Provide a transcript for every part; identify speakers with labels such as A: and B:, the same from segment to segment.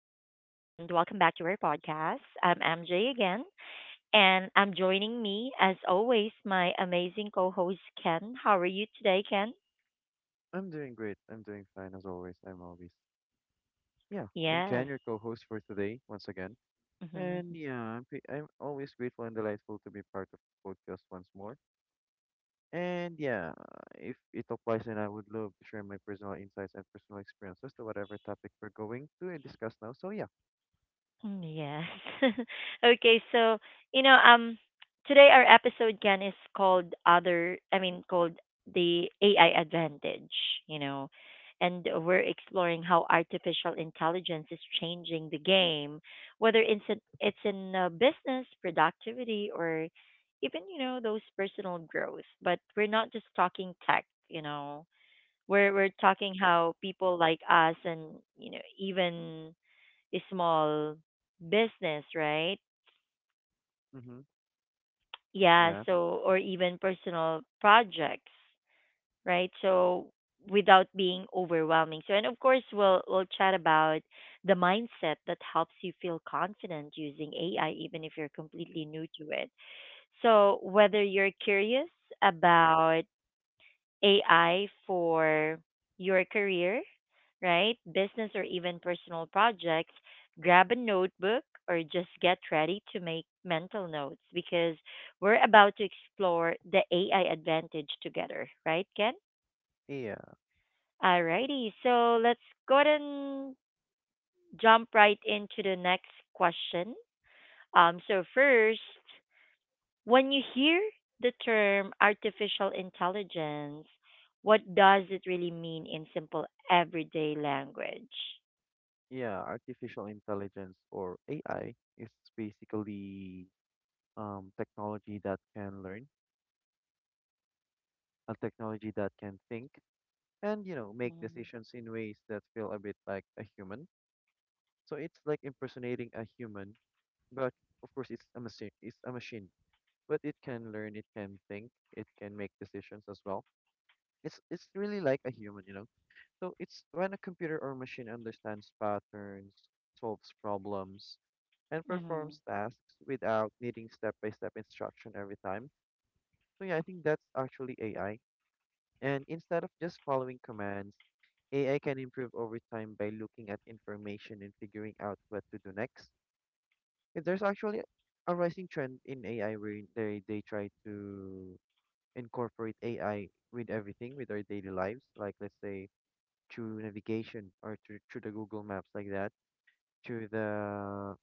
A: and welcome back to our podcast. I'm MJ again, and I'm joining me, as always, my amazing co host, Ken. How are you today, Ken?
B: I'm doing great. I'm doing fine as always. I'm always, yeah, I'm Ken,
A: Yes.
B: your co-host for today once again. And yeah, I'm always grateful and delightful to be part of this podcast once more. And yeah, if it applies, then I would love to share my personal insights and personal experiences to whatever topic we're going to discuss now. So yeah,
A: Mm. Yes. okay, so you know, um, Today our episode again is called the AI advantage. You know, and we're exploring how artificial intelligence is changing the game, whether it's in business, productivity, or even those personal growth. But we're not just talking tech. We're talking how people like us and even small business, right?
B: mm-hmm,
A: Yeah,
B: yeah,
A: so or even personal projects, right? So without being overwhelming. So and of course we'll chat about the mindset that helps you feel confident using AI even if you're completely new to it. So whether you're curious about AI for your career, right? Business or even personal projects, grab a notebook or just get ready to make mental notes because we're about to explore the AI advantage together, right, Ken?
B: yeah,
A: Alrighty, so let's go ahead and jump right into the next question. So first, when you hear the term artificial intelligence, what does it really mean in simple everyday language?
B: yeah. Artificial intelligence or AI is basically technology that can learn, a technology that can think and make
A: Mm-hmm.
B: decisions in ways that feel a bit like a human. So it's like impersonating a human, but of course it's a machine, but it can learn, it can think, it can make decisions as well. It's really like a human, you know. So it's when a computer or machine understands patterns, solves problems, and performs tasks without needing step by step instruction every time. So yeah, I think that's actually AI. And instead of just following commands, AI can improve over time by looking at information and figuring out what to do next. If there's actually a rising trend in AI where they try to incorporate AI with everything, with our daily lives, like let's say through navigation or through the Google Maps like that, through the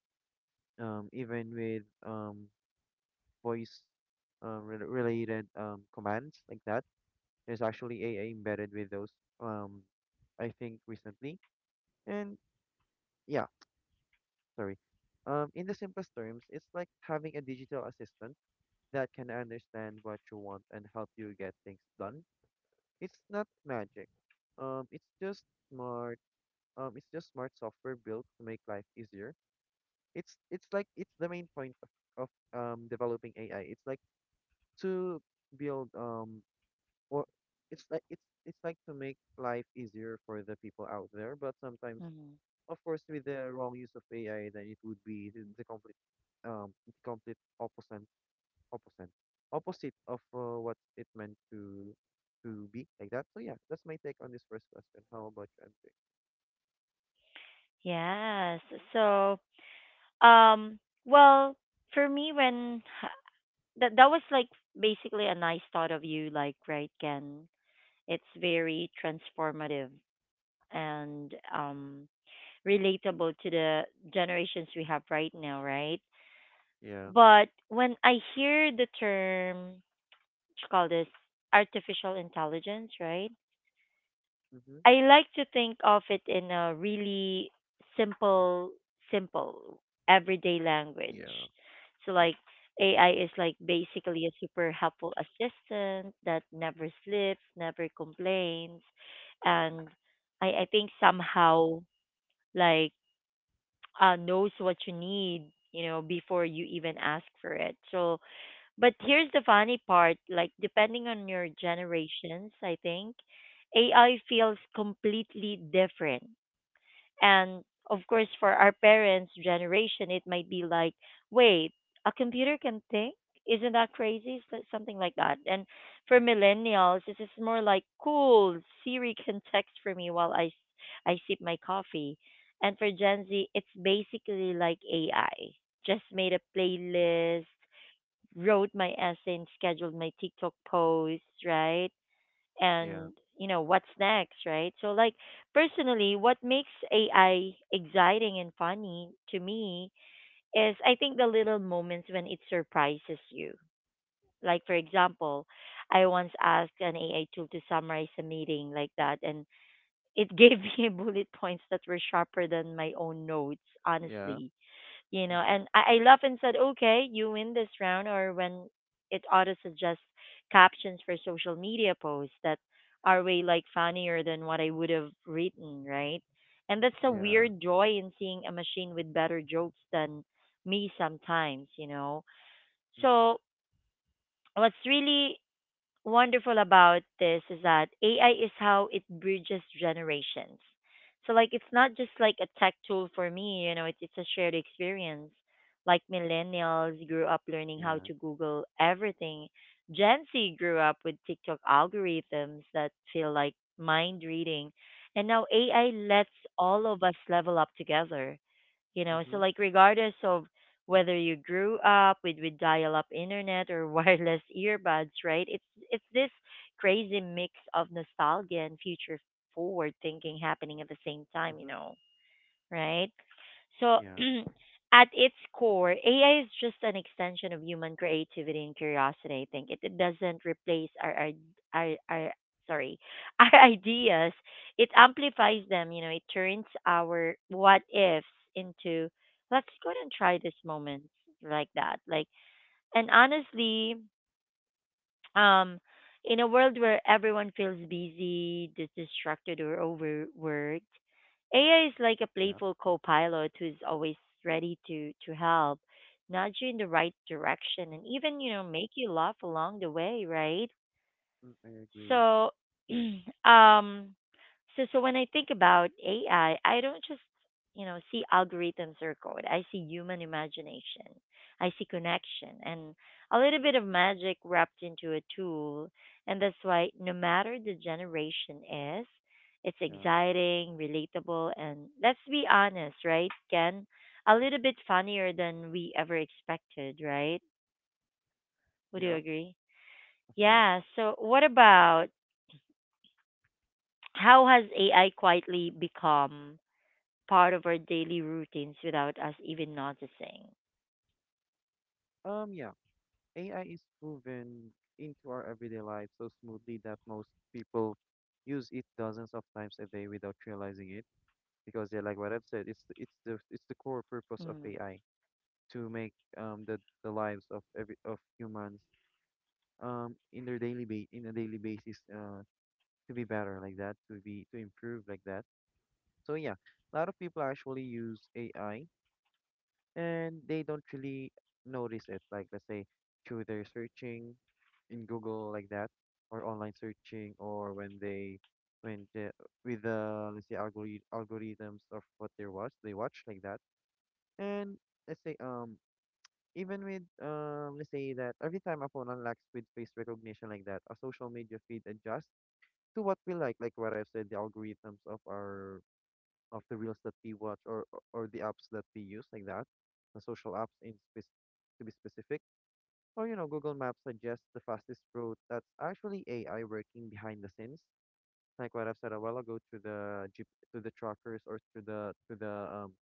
B: even with voice related commands like that. There's actually AI embedded with those, um, I think recently. And yeah, sorry. In the simplest terms, it's like having a digital assistant that can understand what you want and help you get things done. It's not magic. It's just smart. It's just smart software built to make life easier. It's the main point of developing AI. To build um Or it's like to make life easier for the people out there, but sometimes,
A: Hmm.
B: of course, with the wrong use of AI, then it would be the complete opposite, opposite of what it meant to be like that. So yeah, that's my take on this first question. How about you, MJ?
A: Yes. So, um, well, for me, when that was like basically a nice thought of you, like right, Ken. It's very transformative and relatable to the generations we have right now, right?
B: Yeah.
A: But when I hear the term, what you call this artificial intelligence, right?
B: Mhm.
A: I like to think of it in a really simple, simple everyday language.
B: Yeah.
A: So like AI is like basically a super helpful assistant that never sleeps, never complains, and I think somehow like knows what you need, you know, before you even ask for it. So but here's the funny part, like depending on your generations, I think AI feels completely different. And of course for our parents' generation it might be like, wait, a computer can think? Isn't that crazy? Something like that. And for
B: Mhm.
A: millennials, it's just more like, cool, Siri can text for me while I sip my coffee. And for Gen Z, it's basically like AI just made a playlist, wrote my essay, and scheduled my TikTok posts, right?
B: Yeah.
A: And you know what's next, right? So like personally, what makes AI exciting and funny to me is I think the little moments when it surprises you. Like for example, I once asked an AI tool to summarize a meeting like that, and it gave me bullet points that were sharper than my own notes,
B: Yeah.
A: honestly. You know,
B: Mhm.
A: and I laughed and said, okay, you win this round. Or when it auto suggests captions for social media posts that are way like funnier than what I would have written, right? And that's a
B: Yeah.
A: weird joy in seeing a machine with better jokes than me sometimes, you know.
B: Mhm.
A: So what's really wonderful about this is that AI is how it bridges generations. So like it's not just like a tech tool for me, you know, it's a shared experience. Like millennials grew up learning how
B: Yeah.
A: to Google everything. Gen Z grew up with TikTok algorithms that feel like mind reading. And now AI lets all of us level up together, you know. So
B: Mhm,
A: like regardless of whether you grew up with dial-up internet or wireless earbuds, right? It's this crazy mix of nostalgia and future forward thinking happening at the same
B: mhm,
A: time, you
B: mhm.
A: know, right? So,
B: Yeah.
A: at its core, AI is just an extension of human creativity and curiosity. I think it doesn't replace our, our sorry, our ideas. It amplifies them. You know, it turns our what ifs into let's go and try this moment, like that. And honestly, Um, in a world where everyone feels busy, distracted, or overworked, AI is like a
B: Yeah.
A: playful co-pilot who's always ready to help, nudge you in the right direction, and even you know make you laugh along the way, right?
B: Mm, I agree.
A: So, um, so when I think about AI, I don't just you know see algorithms or code. I see human imagination. I see connection and a little bit of magic wrapped into a tool. And that's why no matter the generation is, it's
B: Yeah.
A: exciting, relatable, and let's be honest, right, Ken? A little bit funnier than we ever expected, right? Would you
B: Yeah,
A: agree?
B: of course.
A: Yeah. So, what about how has AI quietly become part of our daily routines without us even noticing?
B: Yeah. AI is woven into our everyday life so smoothly that most people use it dozens of times a day without realizing it, because yeah, like what I've said, it's the core purpose of
A: Mm.
B: AI to make the lives of every of humans in their in a daily basis to be better like that, to be to improve like that. So yeah, a lot of people actually use AI and they don't really notice it. Like let's say through their searching in Google like that, or online searching, or when they when the, with the, let's say, algorithms of what they watch like that. And let's say even with let's say that every time a phone unlocks with face recognition like that, a social media feed adjusts to what we like what I've said, the algorithms of our of the reels that we watch or the apps that we use like that, the social apps in spec- to be specific, or you know Google Maps suggests the fastest route. That's actually AI working behind the scenes, like what I've said a while ago, to the Jeep, to the trackers or to the to the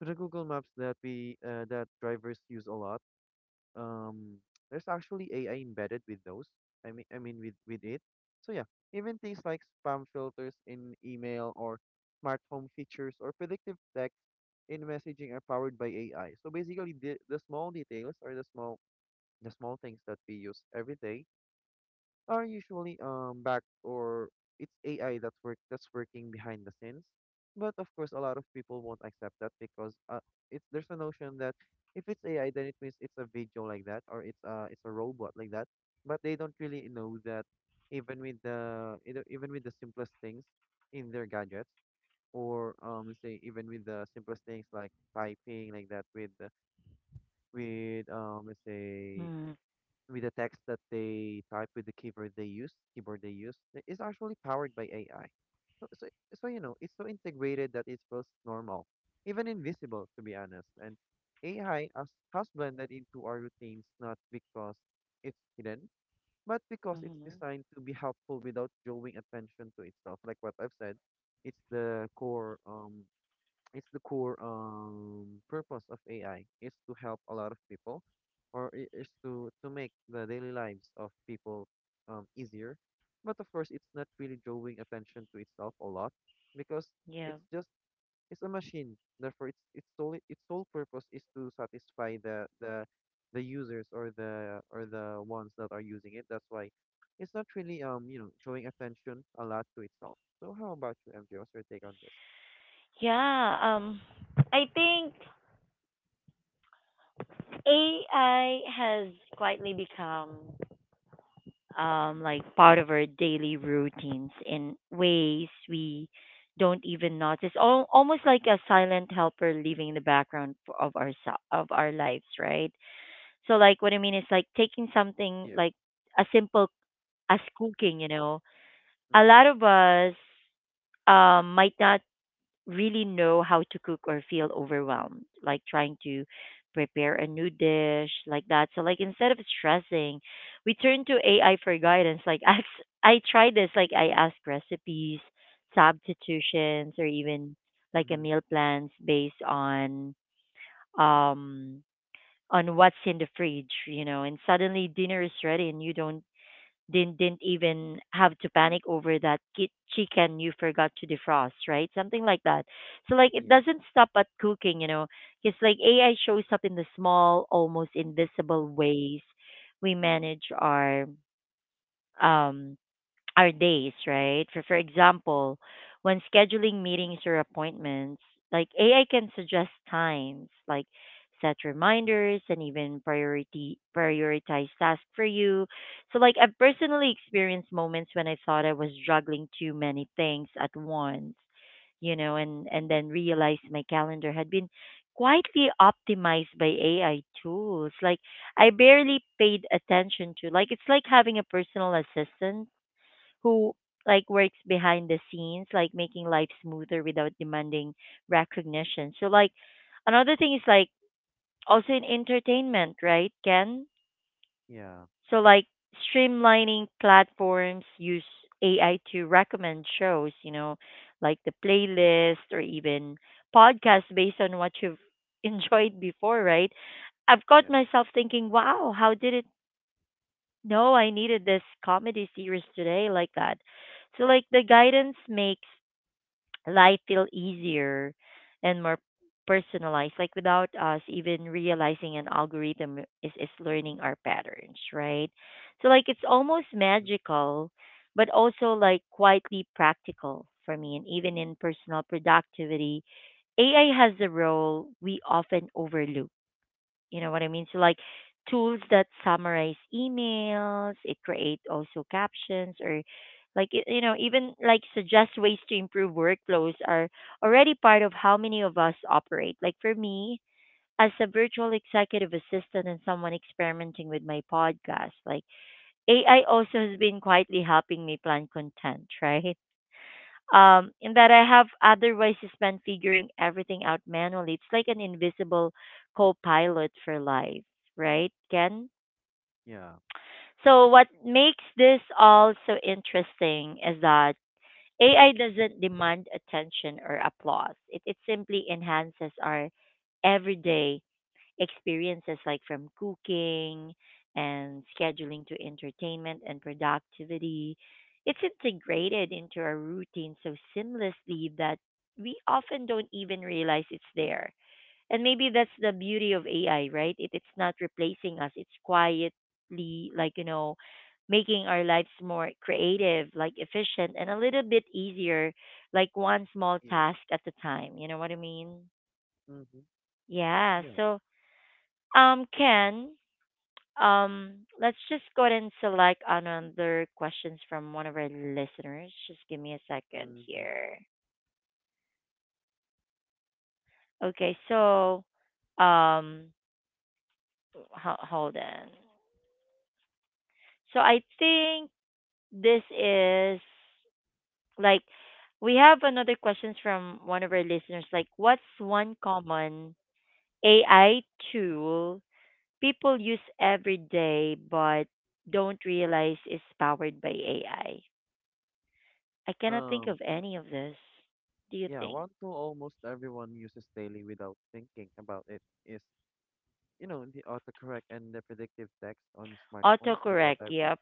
B: to the Google Maps that we that drivers use a lot. Um, there's actually AI embedded with those. I mean with it. So yeah, even things like spam filters in email or smart home features or predictive tech in messaging are powered by AI. So basically, the small details or the small things that we use every day are usually back or it's AI that's working behind the scenes. But of course, a lot of people won't accept that because it's there's a notion that if it's AI, then it means it's a video like that or it's a robot like that. But they don't really know that even with the, you know, even with the simplest things in their gadgets, or let's say even with the simplest things like typing like that, with the- with let's say
A: Mm-hmm.
B: with the text that they type with the keyboard they use is actually powered by AI. So so so you know it's so integrated that it feels normal, even invisible to be honest. And AI has blended into our routines, not because it's hidden, but because it's
A: Mm-hmm.
B: designed to be helpful without drawing attention to itself. Like what I've said, it's the core um it's the core purpose of AI is to help a lot of people, is to make the daily lives of people easier, but of course it's not really drawing attention to itself a lot because
A: Yeah.
B: it's just it's a machine, therefore it's sole its sole purpose is to satisfy the users or the ones that are using it. That's why it's not really, you know, drawing attention a lot to itself. So how about you, MJ? What's your take on this?
A: Yeah. I think AI has quietly become like part of our daily routines in ways we don't even notice. Almost like a silent helper living in the background of our lives, right? So like what I mean is like taking something
B: Yeah.
A: like a simple as cooking, you know. A
B: Mhm.
A: lot of us might not really know how to cook or feel overwhelmed, like trying to prepare a new dish like that. So like instead of stressing, we turn to AI for guidance. Like I try this, like I ask recipes, substitutions, or even like a
B: Mhm.
A: meal plans based on um what's in the fridge, you know, and suddenly dinner is ready and you don't didn't even have to panic over that chicken you forgot to defrost, right? Something like that. So like it
B: Yeah.
A: doesn't stop at cooking, you know. It's like AI shows up in the small, almost invisible ways we manage um our days, right? For example, when scheduling meetings or appointments, like AI can suggest times, like set
B: Mm.
A: reminders and even priority prioritize tasks for you. So like I've personally experienced moments when I thought I was juggling too many things at once, you know, and then realized my calendar had been quietly optimized by AI tools, like I barely paid attention to. Like it's like having a personal assistant who like works behind the scenes, like making life smoother without demanding recognition. So like another thing is like also in entertainment, right, Ken?
B: Yeah.
A: So like streamlining platforms use AI to recommend shows, you know, like the playlist or even podcasts based on what you've enjoyed before, right? I've caught
B: Yeah.
A: myself thinking, wow, how did it no, I needed this comedy series today like that. So like the guidance makes life feel easier and more personalized, like without us even realizing an algorithm is learning our patterns, right? So like it's almost
B: Hmm.
A: magical, but also like quietly practical for me. And even in personal productivity, AI has a role we often overlook, you know what I mean? So like tools that summarize emails, it create also captions, or like you know even like suggest ways to improve workflows are already part of how many of us operate. Like for me, as a virtual executive assistant and someone experimenting with my podcast, like AI also has been quietly helping me plan content, right? In that I have otherwise spent figuring everything out manually. It's like an invisible co pilot for life, right, Ken?
B: Yeah.
A: So, what makes this all so interesting is that AI doesn't demand attention or applause, it simply enhances our everyday experiences, like from cooking and scheduling to entertainment and productivity. It's integrated into our routine so seamlessly that we often don't even realize it's there. And maybe that's the beauty of AI, right? It's not replacing us, it's quietly, like, you know, making our lives more creative, like efficient, and a little bit easier, like one small
B: Yeah.
A: task at a time. You know what I mean?
B: Hmm.
A: Yeah.
B: Yeah.
A: So, Ken, let's just go ahead and select another questions from one of our listeners. Just give me a second
B: Hmm.
A: here. Okay, so um, hold on. So I think this is like we have another questions from one of our listeners. Like, what's one common AI tool people use every day but don't realize is powered by AI? I cannot think
B: Um,
A: of any of this. Do you
B: yeah,
A: think?
B: one tool almost everyone uses daily without thinking about it is, you know, the autocorrect and the predictive text on smartphones, like what
A: Autocorrect.
B: I've,
A: Yep.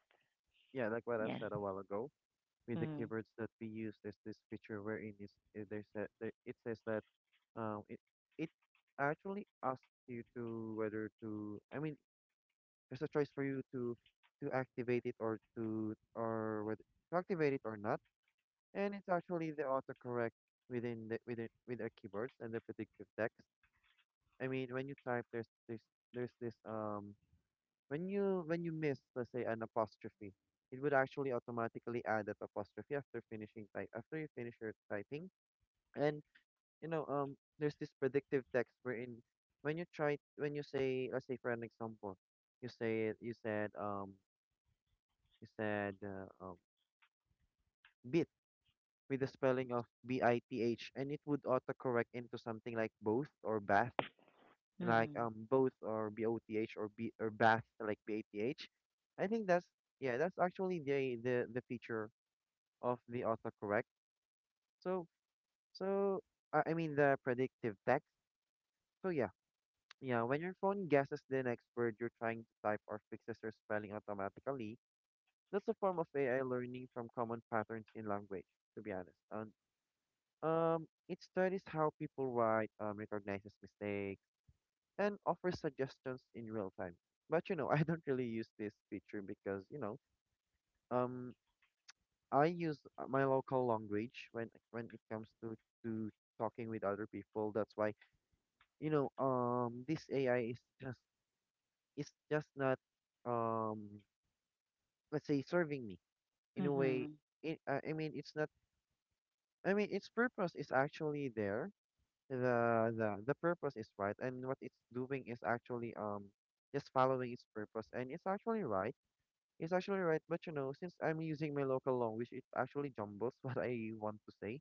B: yeah, like what I've
A: Yeah.
B: said a while ago. With the
A: Mm.
B: keywords that we use, there's this feature wherein it's, it, there's a, there, it says that um, it, it actually asks you to whether to, I mean, there's a choice for you to activate it or to activate it or not. And it's actually the autocorrect with our keyboards and the predictive text. I mean, when you type, there's this when you miss, let's say, an apostrophe, it would actually automatically add that apostrophe after you finish your typing. And you know, there's this predictive text, wherein when you say, let's say for an example, you say you said bit with the spelling of BITH, and it would autocorrect into something like both or bath, like
A: Mhm.
B: both or both, or B or bath, like bath. I think that's, yeah, that's actually the feature of the autocorrect. So so I mean the predictive text. So yeah. Yeah, when your phone guesses the next word you're trying to type or fixes your spelling automatically, that's a form of AI learning from common patterns in language, to be honest. On it studies how people write, recognizes mistakes, and offers suggestions in real time. But you know, I don't really use this feature because you know, um, I use my local language when it comes to to talking with other people. That's why you know, this AI is just not, um, let's say, serving me in a way.
A: Mhm.
B: It, I mean, it's not. I mean, its purpose is actually there, the purpose is right, and what it's doing is actually just following its purpose, and it's actually right. But you know, since I'm using my local language, it actually jumbles what I want to say.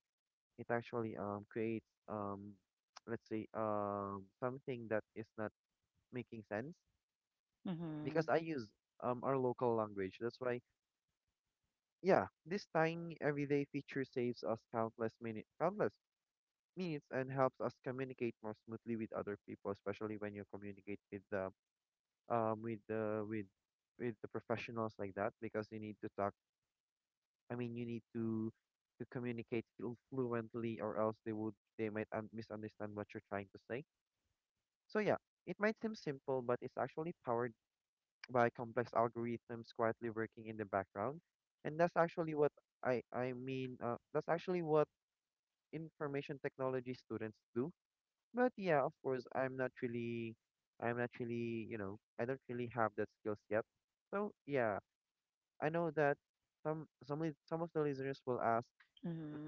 B: It actually creates let's say something that is not making sense,
A: Mhm.
B: because I use our local language. That's why, yeah, this tiny everyday feature saves us countless minutes, countless means, and helps us communicate more smoothly with other people, especially when you communicate with the um with the with with the professionals like that, because you need to talk. I mean, you need to communicate fluently, or else they would, they might misunderstand what you're trying to say. So yeah, it might seem simple, but it's actually powered by complex algorithms quietly working in the background, and that's actually what I mean. That's actually what information technology students do. But yeah, of course, I'm not really, you know, I don't really have that skills yet. So yeah, I know that some of the listeners will ask,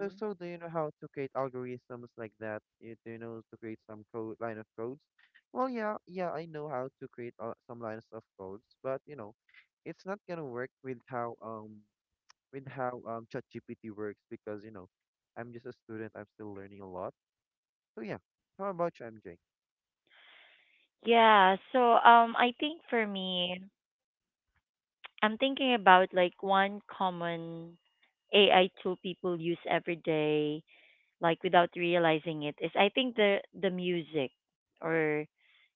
B: so do you know how to create algorithms like that? Do you know to create some code, line of codes? Well, yeah, I know how to create some lines of codes, but you know, it's not gonna work with how ChatGPT works because you know, I'm just a student, I'm still learning a lot. So yeah, how about you, MJ?
A: Yeah. So I think for me, I'm thinking about like one common AI tool people use every day, like without realizing it, is I think the music or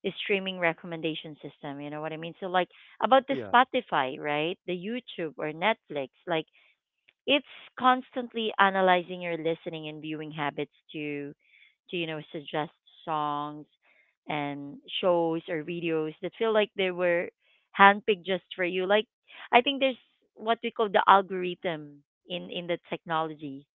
A: the streaming recommendation system. You know what I mean? So like about the
B: Yeah.
A: Spotify, right? The YouTube or Netflix, like it's constantly analyzing your listening and viewing habits to you know suggest songs and shows or videos that feel like they were handpicked just for you. Like I think there's what we call the algorithm in the technology.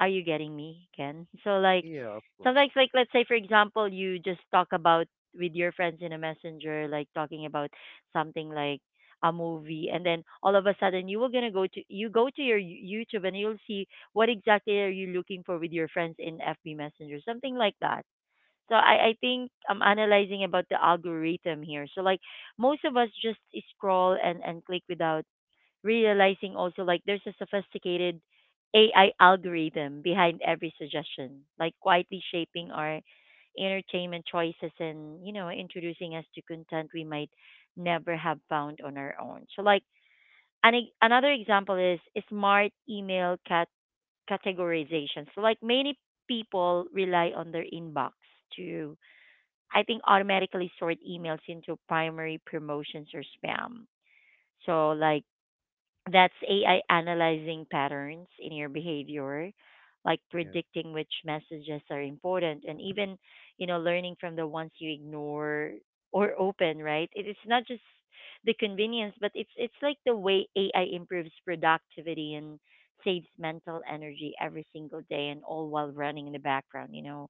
A: Are you getting me, Ken? So like
B: Yeah, of course.
A: sometimes, like let's say for example, you just talk about with your friends in a messenger, like talking about something like a movie, and then all of a sudden you were gonna go to you go to your YouTube and you'll see what exactly are you looking for with your friends in FB Messenger, something like that. So I think I'm analyzing about the algorithm here. So like most of us just scroll and click without realizing also, like there's a sophisticated AI algorithm behind every suggestion, like quietly shaping our entertainment choices and, you know, introducing us to content we might never have found on our own. So like another example is smart email categorization. So like many people rely on their inbox to, I think, automatically sort emails into primary, promotions, or spam. So like that's AI analyzing patterns in your behavior, like
B: Yeah,
A: predicting which messages are important and even, you know, learning from the ones you ignore or open, right? It is not just the convenience, but it's like the way AI improves productivity and saves mental energy every single day, and all while running in the background, you know.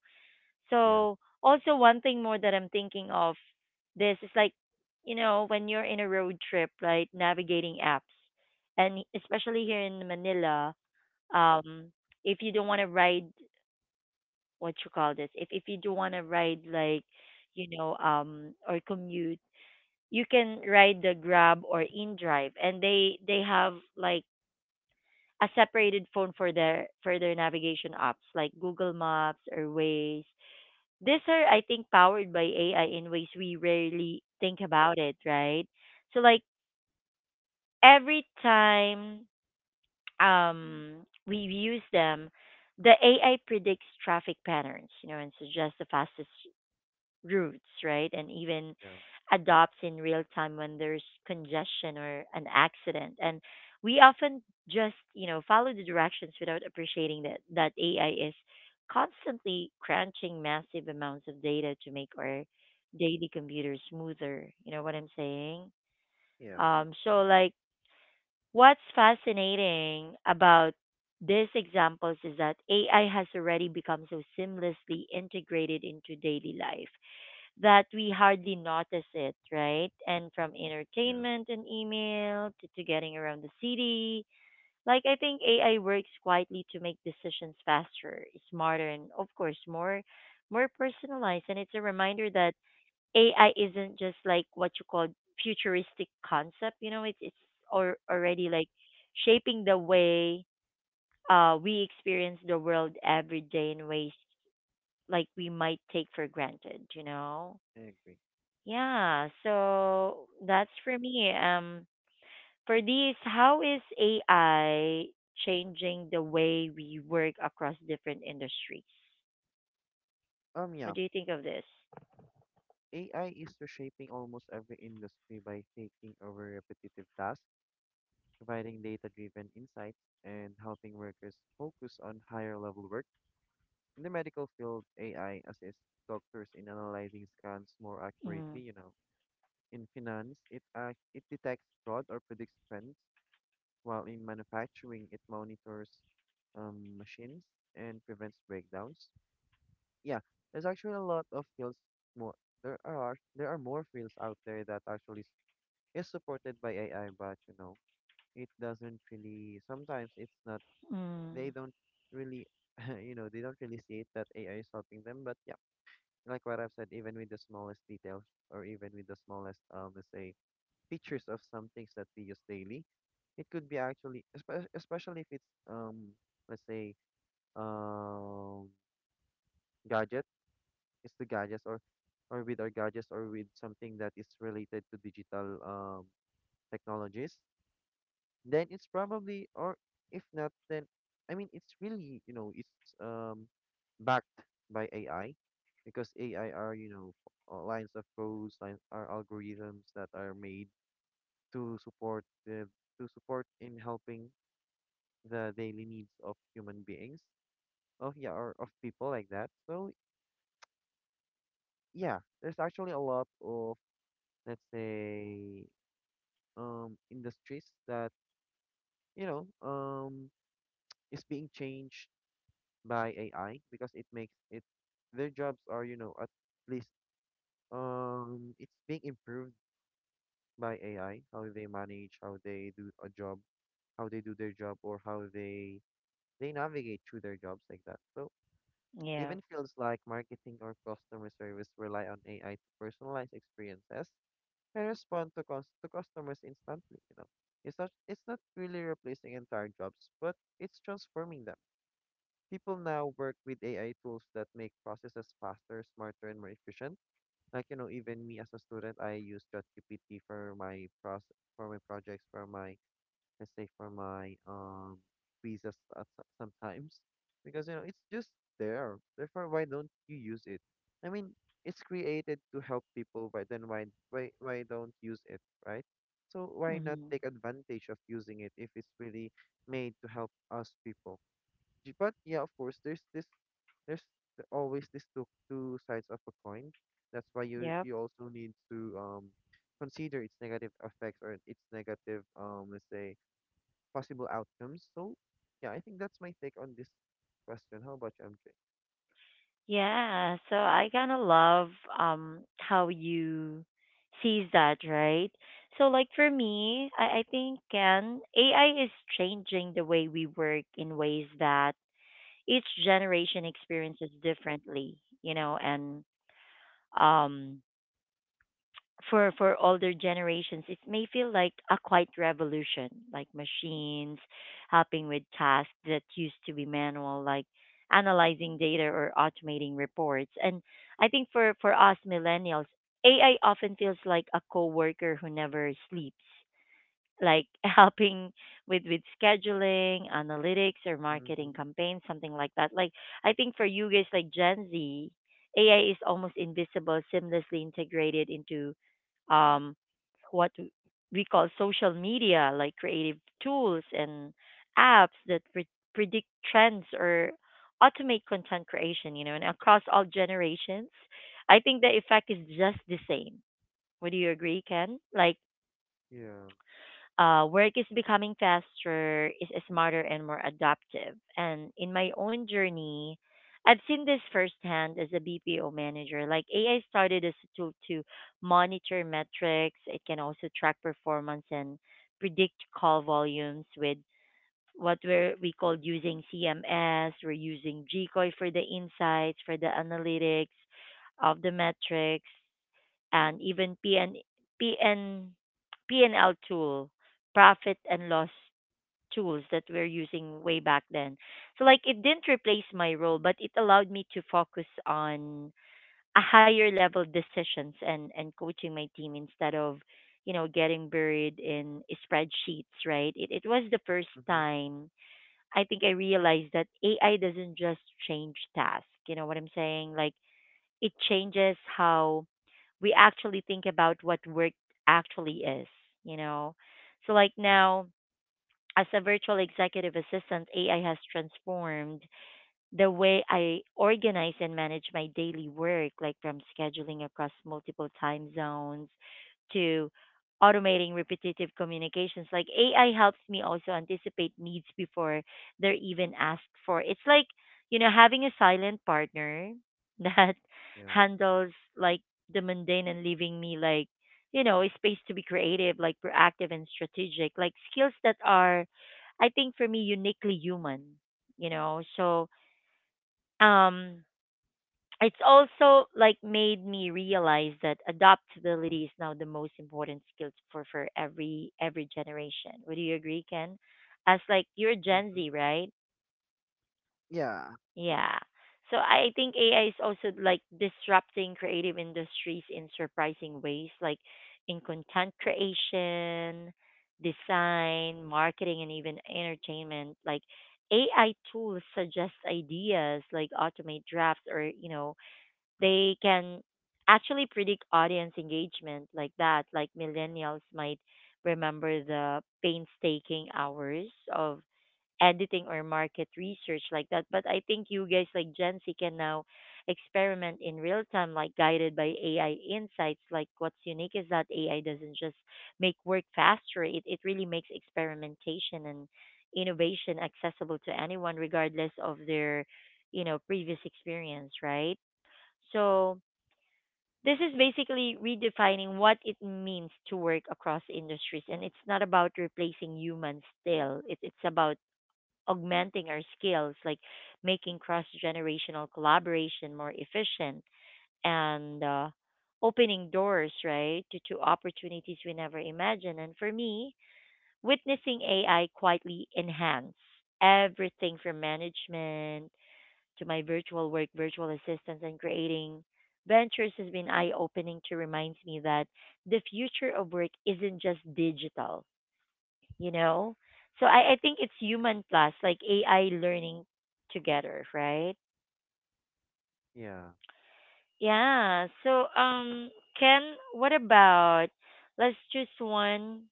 B: yeah,
A: So also one thing more that I'm thinking of, this is like, you know, when you're in a road trip, right, navigating apps and especially here in Manila, um, if you don't want to ride, what you call this, if you do want to ride, like, you know, or commute, you can ride the Grab or InDrive, and they have like a separated phone for their navigation apps like Google Maps or Waze. These are, I think, powered by AI in ways we rarely think about it, right? So, like, every time we use them, the AI predicts traffic patterns, you know, and suggests the fastest routes, right? And even
B: yeah,
A: adopts in real time when there's congestion or an accident. And we often just, you know, follow the directions without appreciating that AI is constantly crunching massive amounts of data to make our daily computer smoother. You know what I'm saying?
B: yeah,
A: So like what's fascinating about these examples is that AI has already become so seamlessly integrated into daily life that we hardly notice it, right? And from
B: yeah.
A: entertainment and email to getting around the city. Like, I think AI works quietly to make decisions faster, smarter, and of course, more personalized. And it's a reminder that AI isn't just, like, what you call futuristic concept, you know, it's or already, like, shaping the way we experience the world every day in ways like we might take for granted, you know?
B: I agree.
A: Yeah, so that's for me. For these, how is AI changing the way we work across different industries?
B: Um,
A: What
B: yeah,
A: do you think of this?
B: AI is reshaping almost every industry by taking over repetitive tasks, providing data-driven insights, and helping workers focus on higher-level work. In the medical field, AI assists doctors in analyzing scans more accurately,
A: Mm,
B: you know. In finance, it detects fraud or predicts trends, while in manufacturing, it monitors machines and prevents breakdowns. Yeah, there's actually a lot of fields more, there are more fields out there that actually is supported by AI, but you know, it doesn't really, sometimes it's not, they
A: mm,
B: don't really you know, they don't really see it that AI is helping them, but yeah, like what I've said, even with the smallest details or even with the smallest let's say features of some things that we use daily, it could be actually especially if it's let's say um gadgets, is to gadgets or with our gadgets or with something that is related to digital technologies, then it's probably, or if not, then I mean it's really, you know, it's backed by AI, because AI are, you know, lines of codes, lines are algorithms that are made to support the, to support in helping the daily needs of human beings. Of yeah, or of people like that. So yeah, there's actually a lot of, let's say, industries that, you know, is being changed by AI, because it makes it, their jobs are, you know, at least, it's being improved by AI, how they manage, how they do a job, how they do their job, or how they navigate through their jobs like that. So
A: yeah.
B: even fields like marketing or customer service rely on AI to personalize experiences, I respond to, to customers instantly, you know. It's not really replacing entire jobs, but it's transforming them. People now work with AI tools that make processes faster, smarter, and more efficient. Like, you know, even me as a student, I use ChatGPT for my process, for my projects, for my, let's say, for my quizzes at sometimes, because you know it's just there. Therefore, why don't you use it? I mean, it's created to help people, right? Then why don't use it, right? So why not
A: Mm,
B: take advantage of using it if it's really made to help us people? But yeah, of course, there's always this two sides of a coin. That's why you,
A: yep.
B: you also need to consider its negative effects or its negative, let's say, possible outcomes. So, yeah, I think that's my take on this question. How about you, MJ?
A: Yeah. So I kind of love how you sees that, right? So like for me, I think can AI is changing the way we work in ways that each generation experiences differently, you know, and um, for older generations, it may feel like a quiet revolution, like machines helping with tasks that used to be manual, like analyzing data or automating reports. And I think for us millennials, AI often feels like a coworker who never sleeps, like helping with scheduling, analytics, or
B: Mm-hmm.
A: marketing campaigns, something like that. Like I think for you guys, like Gen Z, AI is almost invisible, seamlessly integrated into um what we call social media, like creative tools and apps that predict trends or automate content creation. You know, and across all generations, I think the effect is just the same. Would you agree, Ken? Like
B: Yeah.
A: work is becoming faster, is smarter and more adaptive. And in my own journey, I've seen this firsthand as a BPO manager. Like AI started as a tool to monitor metrics. It can also track performance and predict call volumes with what we called using CMS. We're using GCOI for the insights, for the analytics of the metrics and even PN, PN, PNL tool, profit and loss tools that we're using way back then. So like it didn't replace my role, but it allowed me to focus on a higher level decisions and coaching my team instead of, you know, getting buried in spreadsheets, right? It was the first
B: Mm-hmm.
A: time I think I realized that AI doesn't just change tasks, you know what I'm saying? Like it changes how we actually think about what work actually is, you know. So like
B: Yeah,
A: now, as a virtual executive assistant, AI has transformed the way I organize and manage my daily work, like from scheduling across multiple time zones to automating repetitive communications. Like AI helps me also anticipate needs before they're even asked for. It's like, you know, having a silent partner that
B: yeah.
A: handles like the mundane and leaving me, like, you know, a space to be creative, like proactive and strategic, like skills that are, I think, for me, uniquely human, you know. So um it's also like made me realize that adaptability is now the most important skill for every generation. Would you agree, Ken? As like you're Gen Z,
B: Mm-hmm.
A: right?
B: Yeah.
A: Yeah. So I think AI is also like disrupting creative industries in surprising ways, like in content creation, design, marketing, and even entertainment. Like AI tools suggest ideas, like automate drafts, or you know, they can actually predict audience engagement like that. Like millennials might remember the painstaking hours of editing or market research like that. But I think you guys, like Gen Z, can now experiment in real time, like guided by AI insights. Like what's unique is that AI doesn't just make work faster. It really makes experimentation and innovation accessible to anyone regardless of their, you know, previous experience, right? So this is basically redefining what it means to work across industries. And it's not about replacing humans still, it's about augmenting our skills, like making cross generational collaboration more efficient, and opening doors, right, to opportunities we never imagined. And for me, witnessing AI quietly enhance everything from management to my virtual work, virtual assistants, and creating ventures has been eye opening to remind me that the future of work isn't just digital, you know? So I think it's human plus, like AI learning together, right?
B: Yeah.
A: Yeah. So, Ken, what about, let's choose one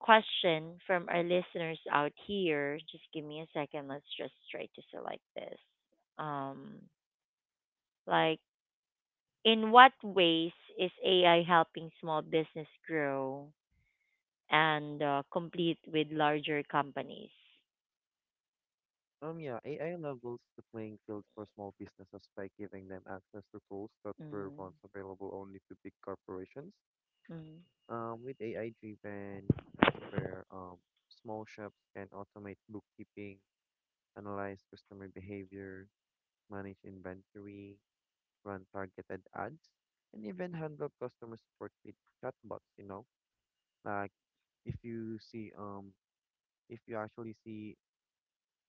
A: question from our listeners out here. Just give me a second. Let's just try to select this. Um, like, in what ways is AI helping small business grow and compete with larger companies?
B: Yeah, AI levels the playing field for small businesses by giving them access to tools that were
A: Mm-hmm.
B: once available only to big corporations.
A: Mm-hmm.
B: With AI-driven software, small shops can automate bookkeeping, analyze customer behavior, manage inventory, run targeted ads, and even handle customer support with chatbots, you know? Like if you see if you actually see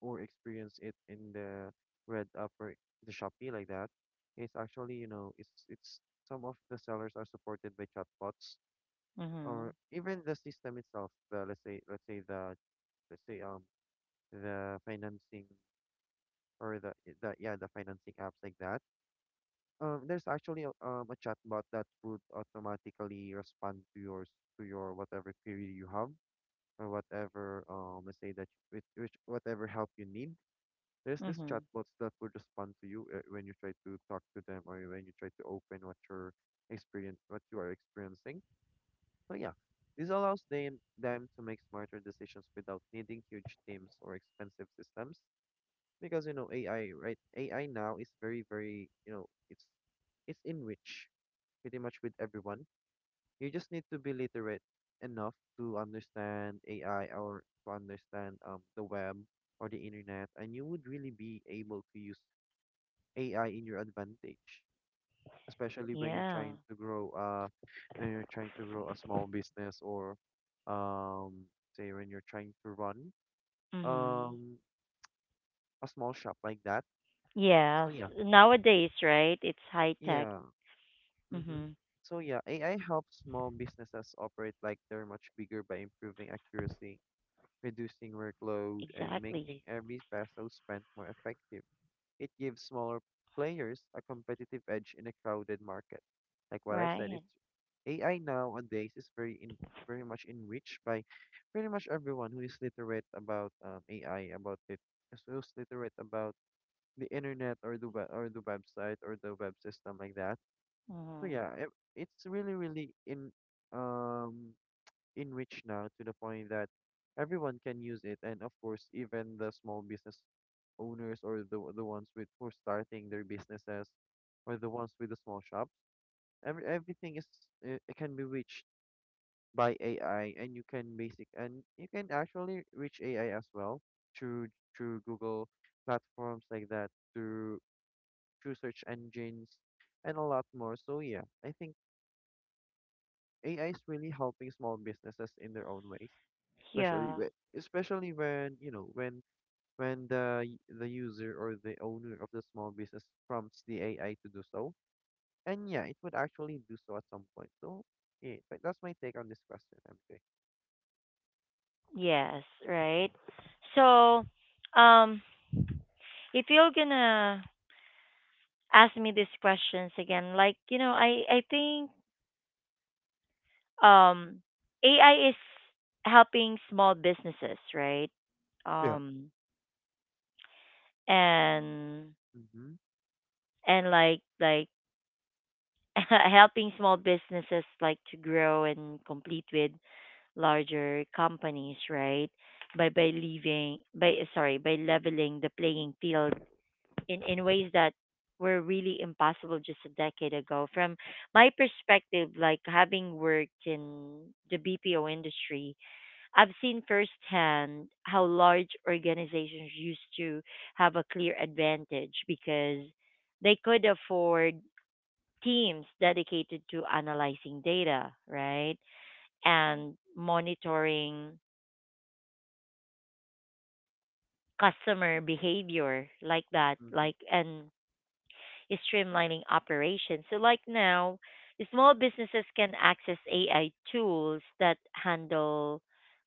B: or experience it in the red upper, the Shopee like that, it's actually, you know, it's, some of the sellers are supported by chatbots,
A: Mm-hmm.
B: or even the system itself, the, let's say the, let's say, the financing, or the, yeah, the financing apps like that. There's actually a chatbot that would automatically respond to yours, to your whatever query you have, or whatever, let's say, that you- which whatever help you need. There's this
A: Mm-hmm.
B: chatbots that would respond to you, when you try to talk to them, or when you try to open what you're, experience what you are experiencing. So yeah, this allows them to make smarter decisions without needing huge teams or expensive systems, because you know AI, right? AI now is very, you know, it's enriched pretty much with everyone. You just need to be literate enough to understand AI, or to understand the web or the internet, and you would really be able to use AI in your advantage, especially when you're
A: Yeah.
B: trying to grow when you're trying to grow a small business, or um say when you're trying to run
A: Mm-hmm.
B: um a small shop like that. So
A: Yes.
B: yeah.
A: Nowadays, right? It's high tech.
B: Yeah. Mm-hmm.
A: Mm-hmm.
B: So yeah, AI helps small businesses operate like they're much bigger by improving accuracy, reducing workload, and
A: Exactly.
B: making every peso spent more effective. It gives smaller players a competitive edge in a crowded market. Like what I've said,
A: Right.
B: it's, AI nowadays is very in, very much enriched by pretty much everyone who is literate about, AI, about it, who's literate about the internet, or the web, or the website, or the web system like that. So
A: Mm-hmm.
B: yeah, it, it's really in, um enriched now to the point that everyone can use it, and of course, even the small business owners, or the ones with, who are starting their businesses, or the ones with the small shops, everything is, it can be reached by AI, and you can actually reach AI as well through, through Google platforms like that, through, through search engines, and a lot more. So yeah, I think AI is really helping small businesses in their own ways, especially
A: Yeah.
B: when, especially when, you know, when the the user or the owner of the small business prompts the AI to do so, and yeah, it would actually do so at some point. So yeah, but that's my take on this question, MJ.
A: Yes. Right. So, um, if you're gonna ask me these questions again, like, you know, I think um AI is helping small businesses, right?
B: Yeah.
A: Um and
B: Mm-hmm.
A: like helping small businesses, like, to grow and compete with larger companies, right? By leaving, by, sorry, by leveling the playing field in ways that were really impossible just a decade ago. From my perspective, like having worked in the BPO industry, I've seen firsthand how large organizations used to have a clear advantage because they could afford teams dedicated to analyzing data, right? And monitoring customer behavior like that,
B: Mm-hmm.
A: like and is streamlining operations. So, like now, small businesses can access AI tools that handle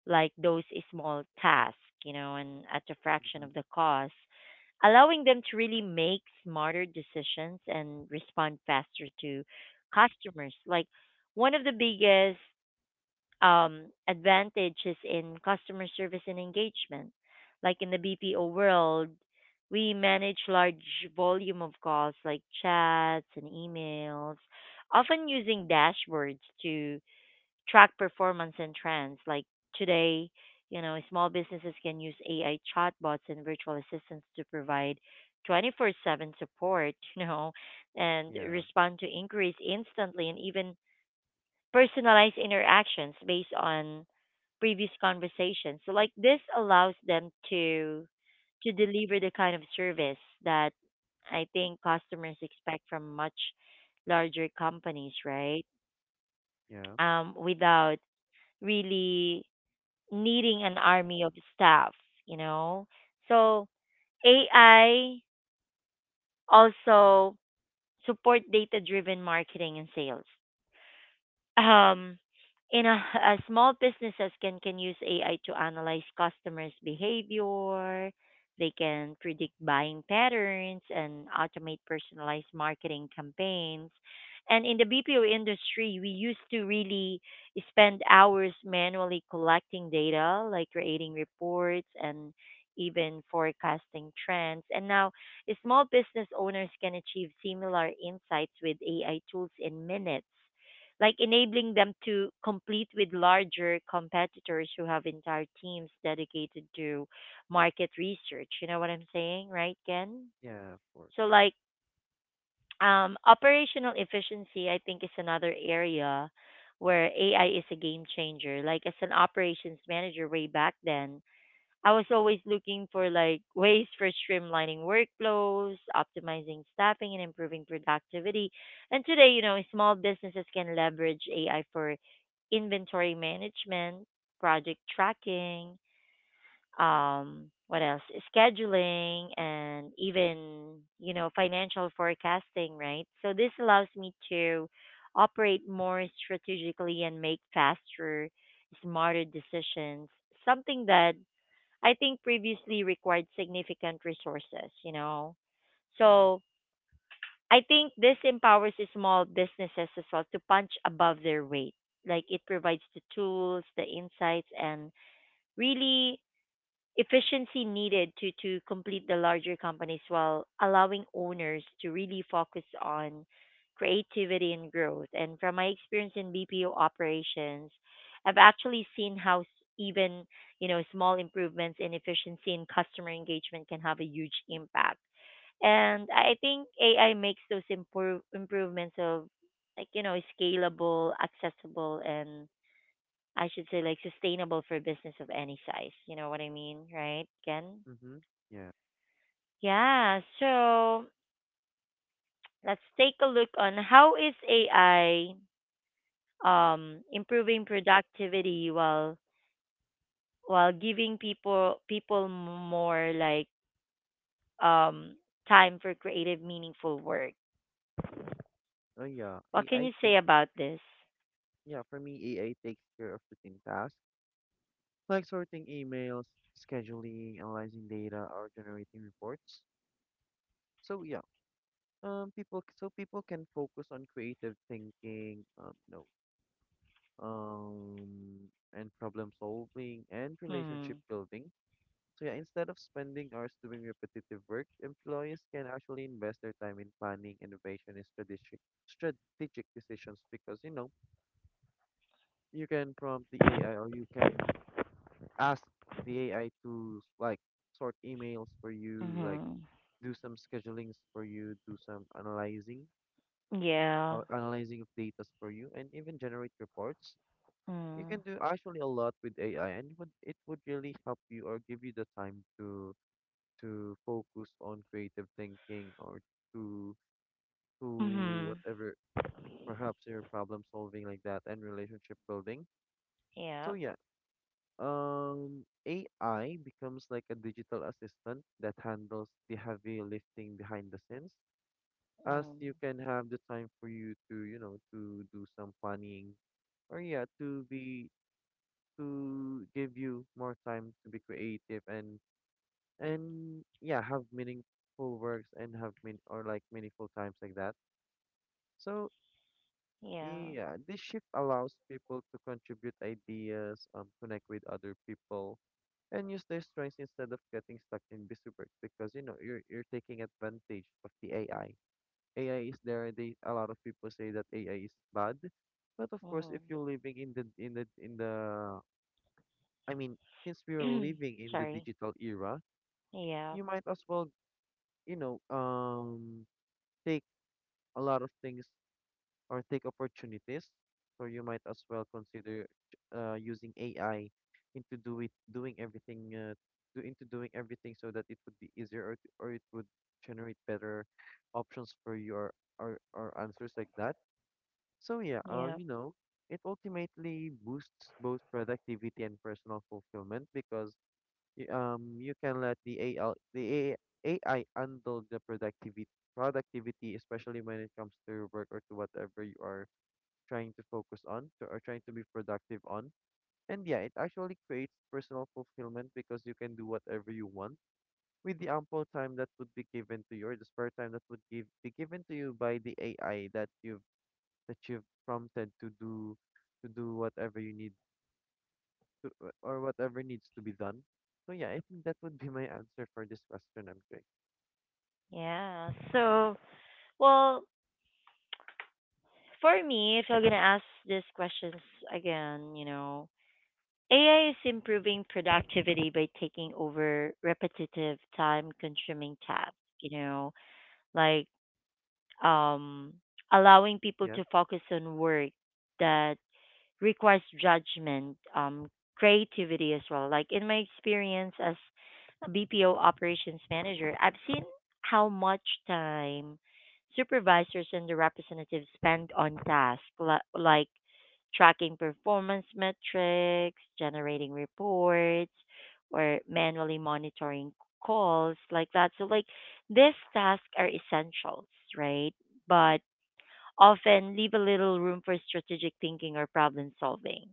A: like those small tasks, you know, and at a fraction
B: Mm-hmm.
A: of the cost, allowing them to really make smarter decisions and respond faster to customers. Like one of the biggest advantages in customer service and engagement. Like in the BPO world, we manage large volume of calls like chats and emails, often using dashboards to track performance and trends. Like today, you know, small businesses can use AI chatbots and virtual assistants to provide 24/7 support, you know, and
B: Yeah.
A: respond to inquiries instantly and even personalized interactions based on previous conversations. So like this allows them to deliver the kind of service that I think customers expect from much larger companies, right?
B: Yeah.
A: Without really needing an army of staff, you know? So AI also support data driven marketing and sales. Um, in a small businesses can use AI to analyze customers' behavior. They can predict buying patterns and automate personalized marketing campaigns. And in the BPO industry, we used to really spend hours manually collecting data, like creating reports and even forecasting trends. And now, small business owners can achieve similar insights with AI tools in minutes, like enabling them to compete with larger competitors who have entire teams dedicated to market research. You know what I'm saying, right, Ken?
B: Yeah. Of course.
A: So like operational efficiency, I think, is another area where AI is a game changer. Like as an operations manager way back then, I was always looking for like ways for streamlining workflows, optimizing staffing, and improving productivity. And today, you know, small businesses can leverage AI for inventory management, project tracking, what else? Scheduling, and even financial forecasting, right? So this allows me to operate more strategically and make faster, smarter decisions. Something that I think previously required significant resources. So I think this empowers the small businesses as well to punch above their weight. Like it provides the tools, the insights, and really efficiency needed to, complete the larger companies while allowing owners to really focus on creativity and growth. And from my experience in BPO operations, I've actually seen how even small improvements in efficiency and customer engagement can have a huge impact. And I think AI makes those improvements of scalable, accessible, and I should say like sustainable for business of any size. You know what I mean, right, Ken?
B: Mm-hmm. Yeah.
A: Yeah. So let's take a look on how is AI improving productivity while giving people more like um time for creative meaningful work.
B: Oh yeah.
A: What can
B: AI
A: you say
B: takes
A: about this?
B: Yeah, for me, AI takes care of routine tasks like sorting emails, scheduling, analyzing data, or generating reports. So yeah, people, so people can focus on creative thinking, no, and problem solving and relationship
A: Mm.
B: building. So yeah, instead of spending hours doing repetitive work, employees can actually invest their time in planning, innovation, and strategic decisions, because you know you can prompt the AI, or you can ask the AI to like sort emails for you, like
A: Mhm.
B: do some schedulings for you, do some analyzing,
A: Yeah.
B: or analyzing of data for you, and even generate reports. You can
A: Mm.
B: do actually a lot with AI, and it would really help you, or give you the time to focus on creative thinking, or to to
A: Mhm.
B: whatever, perhaps your problem solving like that, and relationship building. So
A: Yeah.
B: yeah, AI becomes like a digital assistant that handles the heavy lifting behind the scenes, as
A: Mm.
B: you can have the time for you to, you know, to do some planning, or yeah, to be, to give you more time to be creative, and yeah, have meaningful works, and have mean, or like meaningful times like that. So
A: Yeah.
B: yeah, this shift allows people to contribute ideas, connect with other people, and use their strengths instead of getting stuck in busy work, because you know you're taking advantage of the AI. AI is there. They, a lot of people say that AI is bad, but of course,
A: Mhm.
B: if you're living in the, I mean, since we are living in the
A: Sorry.
B: digital era,
A: Yeah,
B: you might as well, you know, take a lot of things, or take opportunities. So you might as well consider, using AI into, do it doing everything, do into doing everything, so that it would be easier, or it would generate better options for your, or answers like that. So yeah,
A: yeah,
B: you know, it ultimately boosts both productivity and personal fulfillment, because you can let the AI handle the productivity, especially when it comes to work, or to whatever you are trying to focus on to, or trying to be productive on. And yeah, it actually creates personal fulfillment, because you can do whatever you want with the ample time that would be given to you, or the spare time that would give be given to you by the AI that you've prompted to do, to do whatever you need to, or whatever needs to be done. So yeah, I think that would be my answer for this question, MJ.
A: yeah. So, well, for me, if you're gonna ask these questions again, you know, AI is improving productivity by taking over repetitive, time-consuming tasks. You know, like um, allowing people
B: Yeah.
A: to focus on work that requires judgment, creativity as well. Like in my experience as a BPO operations manager, I've seen how much time supervisors and the representatives spend on tasks like tracking performance metrics, generating reports, or manually monitoring calls like that. So like these tasks are essentials, right? But often leave a little room for strategic thinking or problem solving.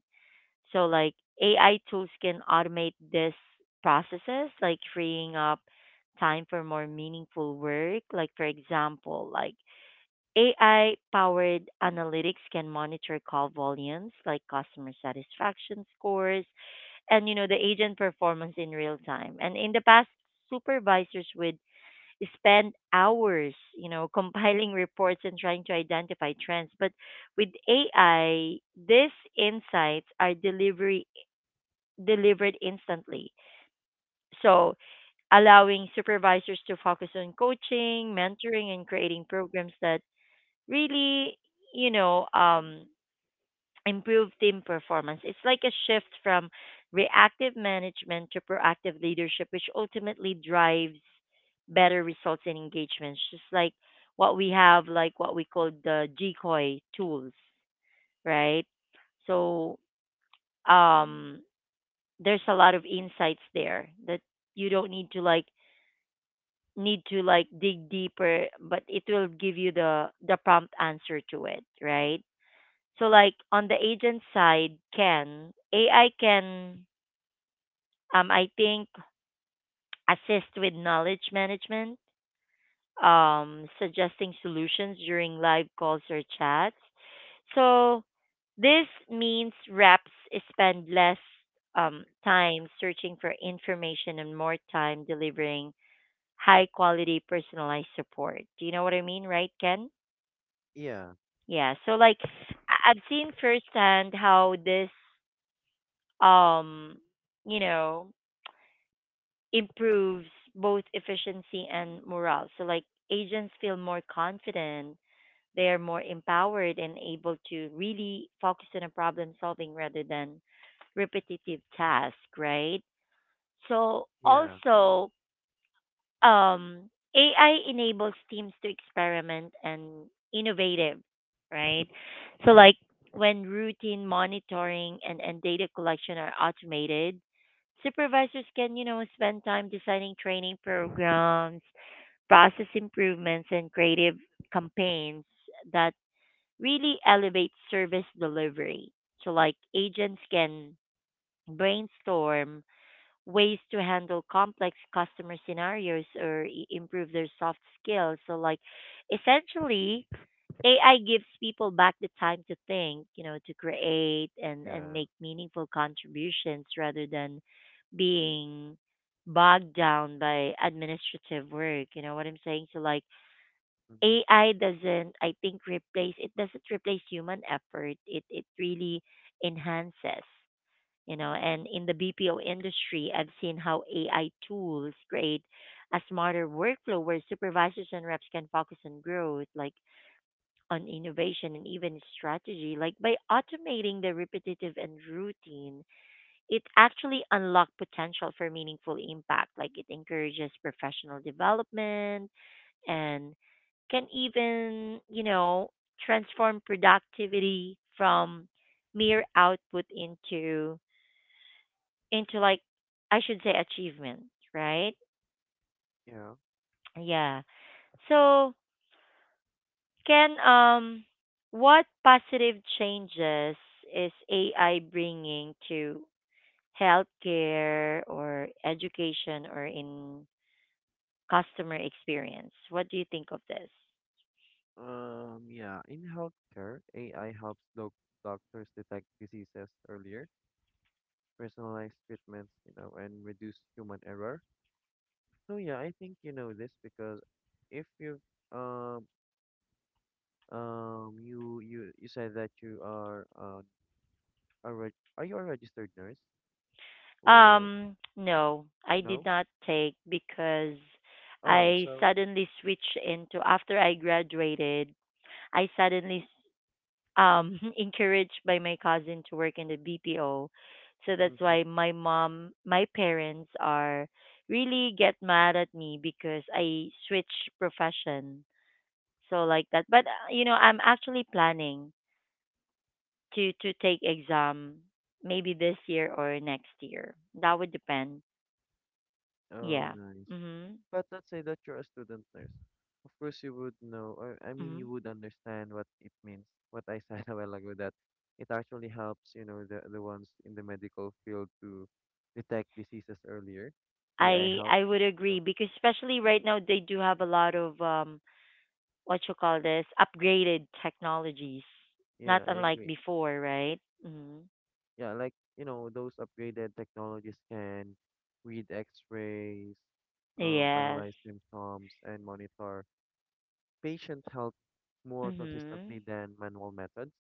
A: So, like AI tools can automate these processes, like freeing up time for more meaningful work. Like, for example, like AI powered analytics can monitor call volumes, like customer satisfaction scores, and you know the agent performance in real time. And in the past, supervisors would spend hours, you know, compiling reports and trying to identify trends. But with AI, these insights are delivery delivered instantly. So, allowing supervisors to focus on coaching, mentoring, and creating programs that really, you know, um, improve team performance. It's like a shift from reactive management to proactive leadership, which ultimately drives better results and engagements. Just like what we have, like what we call the GCOI tools, right? So Mm-hmm. um, there's a lot of insights there that you don't need to need to like dig deeper, but it will give you the prompt answer to it, right? So like on the agent side, can AI can I think assist with knowledge management, suggesting solutions during live calls or chats. So this means reps spend less time searching for information and more time delivering high quality personalized support. Do you know what I mean, right, Ken?
B: Yeah.
A: Yeah. So like I've seen firsthand how this um you know improves both efficiency and morale, so like agents feel more confident, they are more empowered and able to really focus on a problem solving rather than repetitive task, right? So
B: Yeah.
A: also um, AI enables teams to experiment and innovative, right? So like when routine monitoring and data collection are automated, supervisors can, you know, spend time designing training programs, process improvements and creative campaigns that really elevate service delivery. So like agents can brainstorm ways to handle complex customer scenarios or improve their soft skills. So, like, essentially, AI gives people back the time to think, you know, to create and
B: Yeah.
A: make meaningful contributions rather than being bogged down by administrative work. You know what I'm saying? So, like,
B: Mm-hmm.
A: AI doesn't, I think, replace, it doesn't replace human effort. It really enhances, you know. And in the BPO industry, I've seen how AI tools create a smarter workflow where supervisors and reps can focus on growth, like on innovation and even strategy, like by automating the repetitive and routine. It actually unlocks potential for meaningful impact. Like it encourages professional development and can even, you know, transform productivity from mere output into into like I should say achievement, right?
B: Yeah.
A: Yeah. So can what positive changes is AI bringing to healthcare or education or in customer experience? What do you think of this?
B: Yeah. In healthcare, AI helps doctors detect diseases earlier, personalize treatments, you know, and reduce human error. So yeah, I think you know this because if you've, um you, you said that you are, are you a registered nurse, or
A: No, I did
B: no?
A: not take because
B: Oh,
A: I
B: so,
A: suddenly switched into, after I graduated, I suddenly encouraged by my cousin to work in the BPO. So that's
B: mm-hmm.
A: why my mom, my parents are really get mad at me because I switch profession. So like that. But you know, I'm actually planning to take exam maybe this year or next year. That would depend.
B: Oh,
A: Yeah.
B: nice.
A: Mhm.
B: But let's say that you're a student nurse. Of course, you would know, or I mean, you
A: Mhm.
B: would understand what it means. What I said a while ago that it actually helps, the ones in the medical field to detect diseases earlier. AI helps.
A: I would
B: you
A: agree
B: know.
A: because especially right now they do have a lot of what you call this upgraded technologies, not
B: Yeah, I
A: unlike
B: agree.
A: before, right? Mm-hmm.
B: Yeah, like those upgraded technologies can read X-rays,
A: Yes.
B: analyze symptoms, and monitor patient help more consistently
A: Mhm.
B: than manual methods.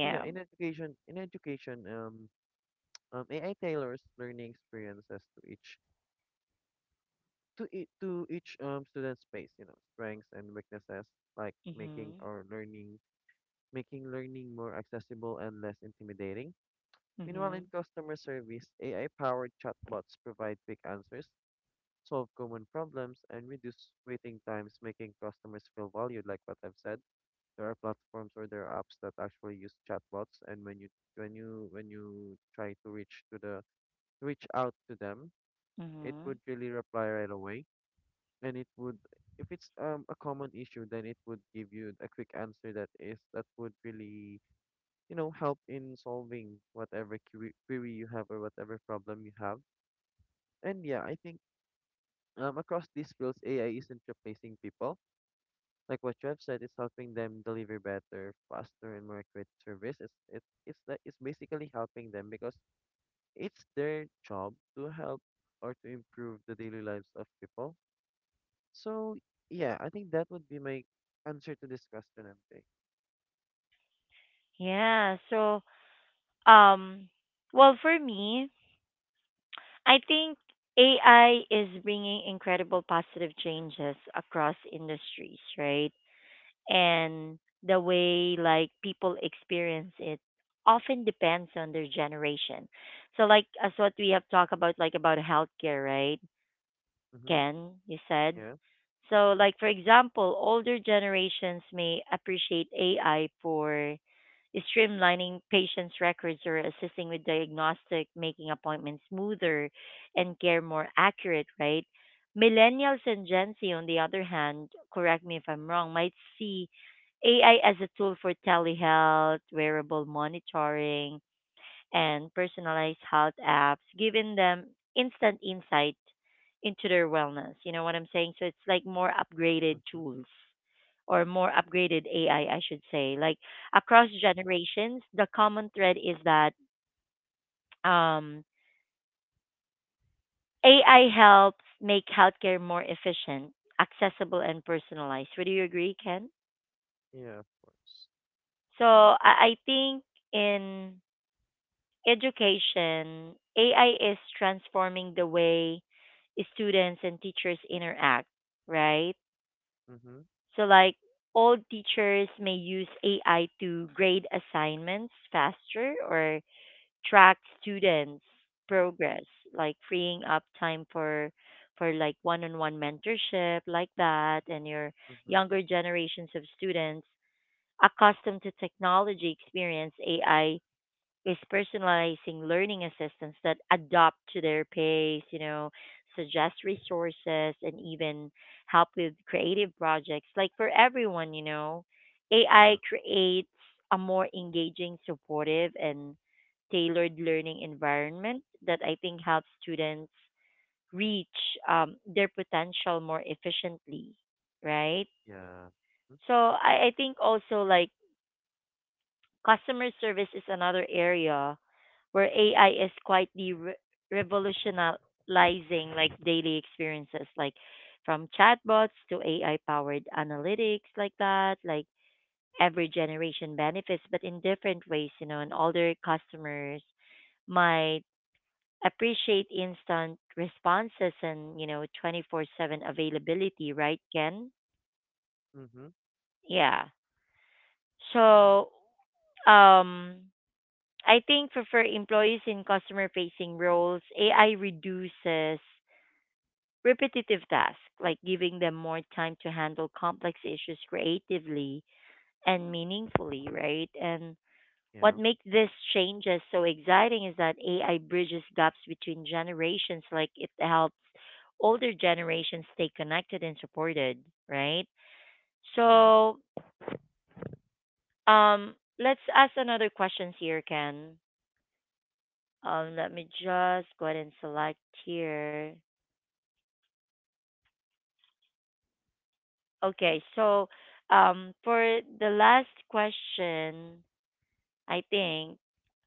B: So yeah, in education, AI tailors learning experiences to each student's space, strengths and weaknesses, like
A: Mhm.
B: making learning more accessible and less intimidating. Meanwhile, in
A: Mhm.
B: customer service, AI-powered chatbots provide quick answers, solve common problems, and reduce waiting times, making customers feel valued, like what I've said. There are platforms or there are apps that actually use chatbots, and when you try to reach out to them, it
A: Mhm.
B: would really reply right away. And it would, if it's a common issue, then it would give you a quick answer that would really, help in solving whatever query you have or whatever problem you have. And yeah, I think across these fields, AI isn't replacing people. Like what you have said, it's helping them deliver better, faster, and more accurate service. It's basically helping them because it's their job to help or to improve the daily lives of people. So yeah, I think that would be my answer to this question, MJ.
A: Yeah. So, um, well, for me, I think AI is bringing incredible positive changes across industries, right? And the way like people experience it often depends on their generation. So like as what we have talked about like about healthcare, right?
B: Mm-hmm.
A: Ken, you said,
B: Yeah.
A: so, like for example, older generations may appreciate AI for streamlining patients' records or assisting with diagnostic, making appointments smoother and care more accurate, right? Millennials and Gen Z, on the other hand, correct me if I'm wrong, might see AI as a tool for telehealth, wearable monitoring, and personalized health apps, giving them instant insight into their wellness. You know what I'm saying? So it's like more upgraded
B: Mm-hmm.
A: tools or more upgraded AI, I should say. Like across generations, the common thread is that um, AI helps make healthcare more efficient, accessible, and personalized. Would you agree, Ken?
B: Yeah, of course.
A: So I think in education, AI is transforming the way students and teachers interact, right?
B: Mm-hmm.
A: So, like, old teachers may use AI to grade assignments faster or track students' progress, like freeing up time for like one-on-one mentorship like that. And your
B: Mm-hmm.
A: younger generations of students accustomed to technology experience AI is personalizing learning assistants that adapt to their pace, you know, suggest resources and even help with creative projects. Like for everyone, you know, AI
B: Yeah.
A: creates a more engaging, supportive and tailored learning environment that I think helps students reach their potential more efficiently, right?
B: Yeah. Mm-hmm.
A: So I think also like customer service is another area where AI is quite the revolutionizing like daily experiences, like from chatbots to AI powered analytics, like that. Like every generation benefits, but in different ways, you know, and older customers might appreciate instant responses and, you know, 24/7 availability, right, Ken?
B: Mm-hmm.
A: Yeah. So, um, I think for, employees in customer facing roles, AI reduces repetitive tasks, like giving them more time to handle complex issues creatively and meaningfully, right? And what
B: Yeah.
A: makes these changes so exciting is that AI bridges gaps between generations, like it helps older generations stay connected and supported, right?
B: Yeah.
A: So, let's ask another questions here, Ken. Let me just go ahead and select here. Okay, so for the last question, I think.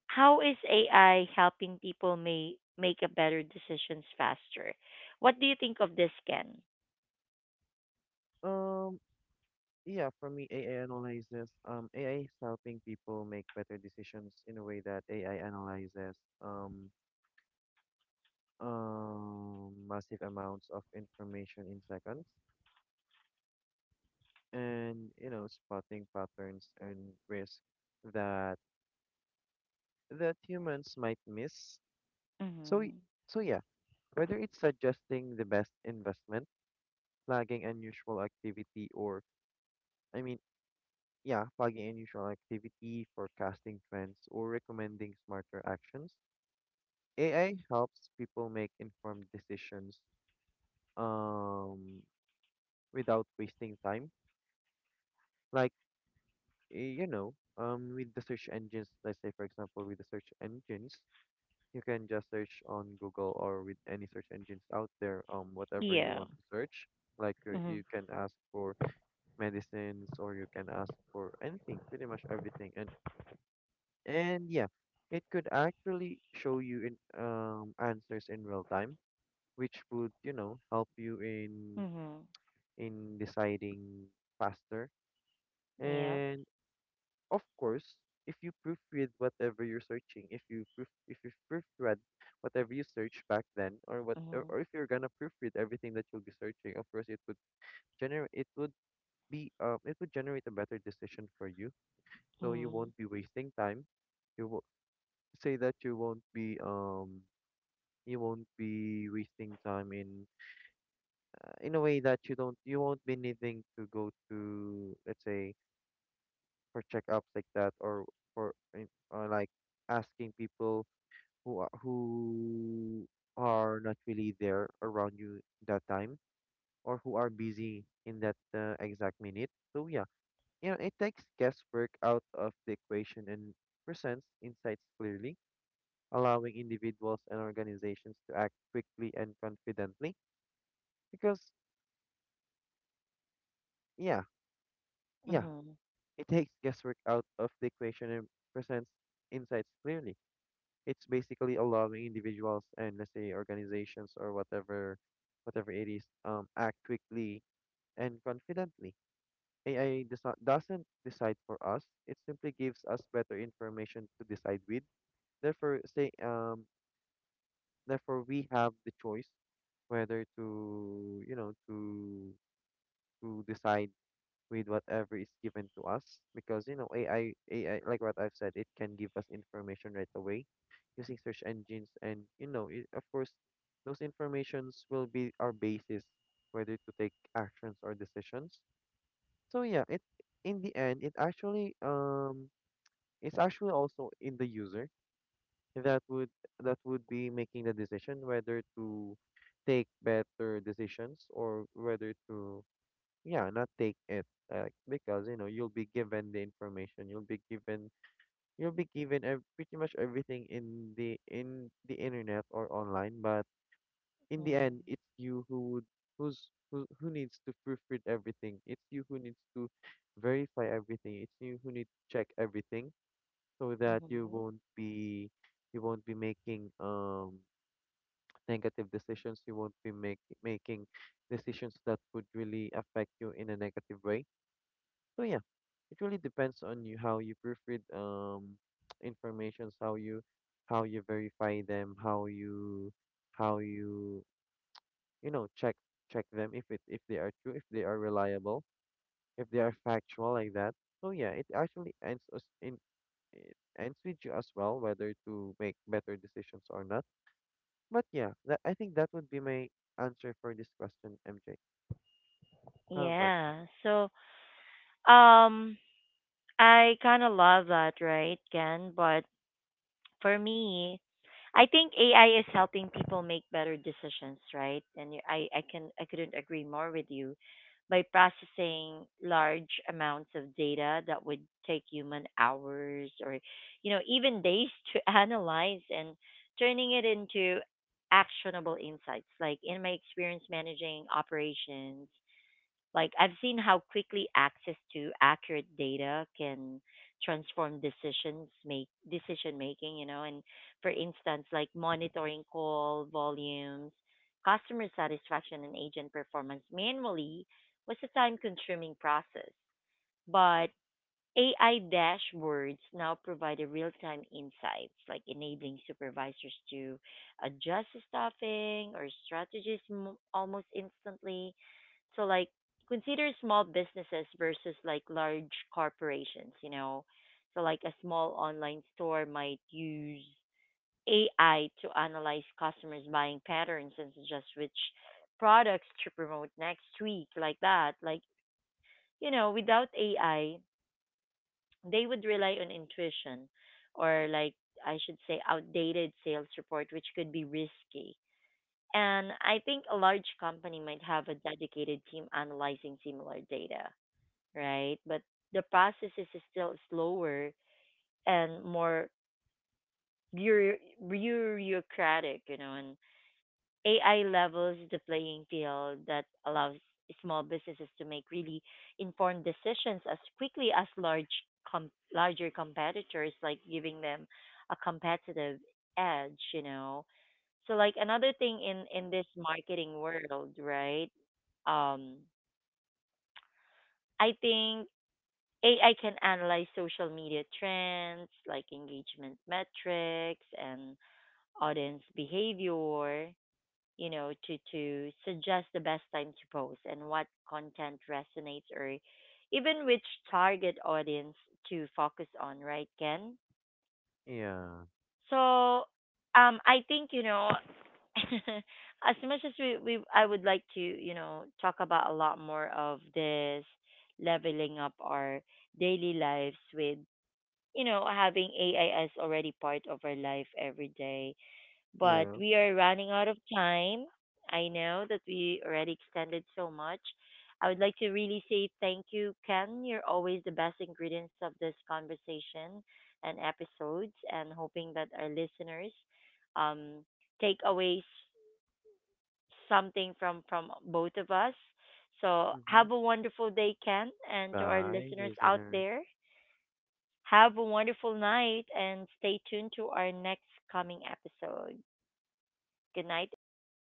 A: How is AI helping people may make a better decisions faster? What do you think of this, Ken?
B: Um. Yeah, for me, AI is helping people make better decisions in a way that AI analyzes um, massive amounts of information in seconds and, spotting patterns and risks that humans might miss. So, y-
A: Mm-hmm.
B: so yeah, whether it's suggesting the best investment, flagging unusual activity, or, I mean, forecasting trends, or recommending smarter actions, AI helps people make informed decisions um without wasting time. Like you know, with the search engines, let's say, for example, with the search engines, you can just search on Google or with any search engines out there, whatever you
A: Yeah.
B: want to search. Like you
A: Mm-hmm.
B: you can ask for medicines or you can ask for anything, pretty much everything. And yeah, it could actually show you in answers in real time, which would, help you
A: Mm-hmm.
B: in deciding faster.
A: Yep.
B: And of course, if you proofread whatever you're searching, if you proofread whatever you search back then,
A: Mm-hmm.
B: or if you're gonna proofread everything that you'll be searching, of course it would generate it would be it would generate a better decision for you. So you won't be wasting time. You will say that you won't be wasting time in a way that you won't be needing to go to, let's say, for checkups like that, or like asking people who are not really there around you that time, or who are busy in that exact minute. So yeah, you know, it takes guesswork out of the equation and presents insights clearly, allowing individuals and organizations to act quickly and confidently because yeah, yeah,
A: Mm-hmm.
B: it takes guesswork out of the equation and presents insights clearly. It's basically allowing individuals and, let's say, organizations, or whatever it is, act quickly and confidently. Ai does not, doesn't decide for us. It simply gives us better information to decide with. therefore say um therefore we have the choice whether to, to decide with whatever is given to us, because you know AI like what I've said, it can give us information right away using search engines. And you know it, of course, those informations will be our basis whether to take actions or decisions. So yeah, it, in the end, it actually it's actually also in the user that would be making the decision whether to take better decisions or whether to, yeah, not take it. Because you know, you'll be given the information, you'll be given, pretty much everything in the internet or online. But in the
A: Mm-hmm.
B: end, it's you who would, who needs to proofread everything. It's you who needs to verify everything. It's you who needs to check everything, so that you
A: Mm-hmm.
B: won't be, you won't be making negative decisions. You won't making decisions that would really affect you in a negative way. So yeah, it really depends on you how you proofread informations, how you verify them, how you you know check them, if it, if they are true, if they are reliable, if they are factual, like that. So yeah, it actually ends us in it ends with you as well, whether to make better decisions or not. But yeah, that, I think that would be my answer for this question, MJ. How about
A: Yeah. So, um, I kind of love that, right, Ken? But for me, I think AI is helping people make better decisions, right? And I can, I couldn't agree more with you. By processing large amounts of data that would take human hours or, you know, even days to analyze and turning it into actionable insights. Like in my experience managing operations, like I've seen how quickly access to accurate data can transform decisions make decision making, you know. And for instance, like monitoring call volumes, customer satisfaction and agent performance manually was a time consuming process. But AI dashboards now provide a real-time insights, like enabling supervisors to adjust staffing or strategies almost instantly. So, like, consider small businesses versus like large corporations. You know, so like a small online store might use AI to analyze customers' buying patterns and suggest which products to promote next week, like that. Like, you know, without AI they would rely on intuition or like I should say outdated sales report which could be risky. And I think a large company might have a dedicated team analyzing similar data, right? But the process is still slower and more bureau- bureaucratic, you know, and AI levels the playing field that allows small businesses to make really informed decisions as quickly as larger competitors, like giving them a competitive edge, you know. So like another thing in this marketing world, right? Um I think AI can analyze social media trends like engagement metrics and audience behavior, you know, to suggest the best time to post and what content resonates or even which target audience to focus on, right, Ken?
B: you? Yeah.
A: So, I think you know, as much as we I would like to you know talk about a lot more of this leveling up our daily lives with you know having AI as already part of our life every day, but
B: Yeah.
A: we are running out of time. I know that we already extended so much. I would like to really say thank you, Ken. You're always the best ingredients of this conversation and episodes, and hoping that our listeners um, take away something from, both of us. So,
B: Mm-hmm.
A: have a wonderful day, Ken, and to our
B: Bye,
A: listeners out
B: listener.
A: there, have a wonderful night and stay tuned to our next coming episode. Good night, everyone.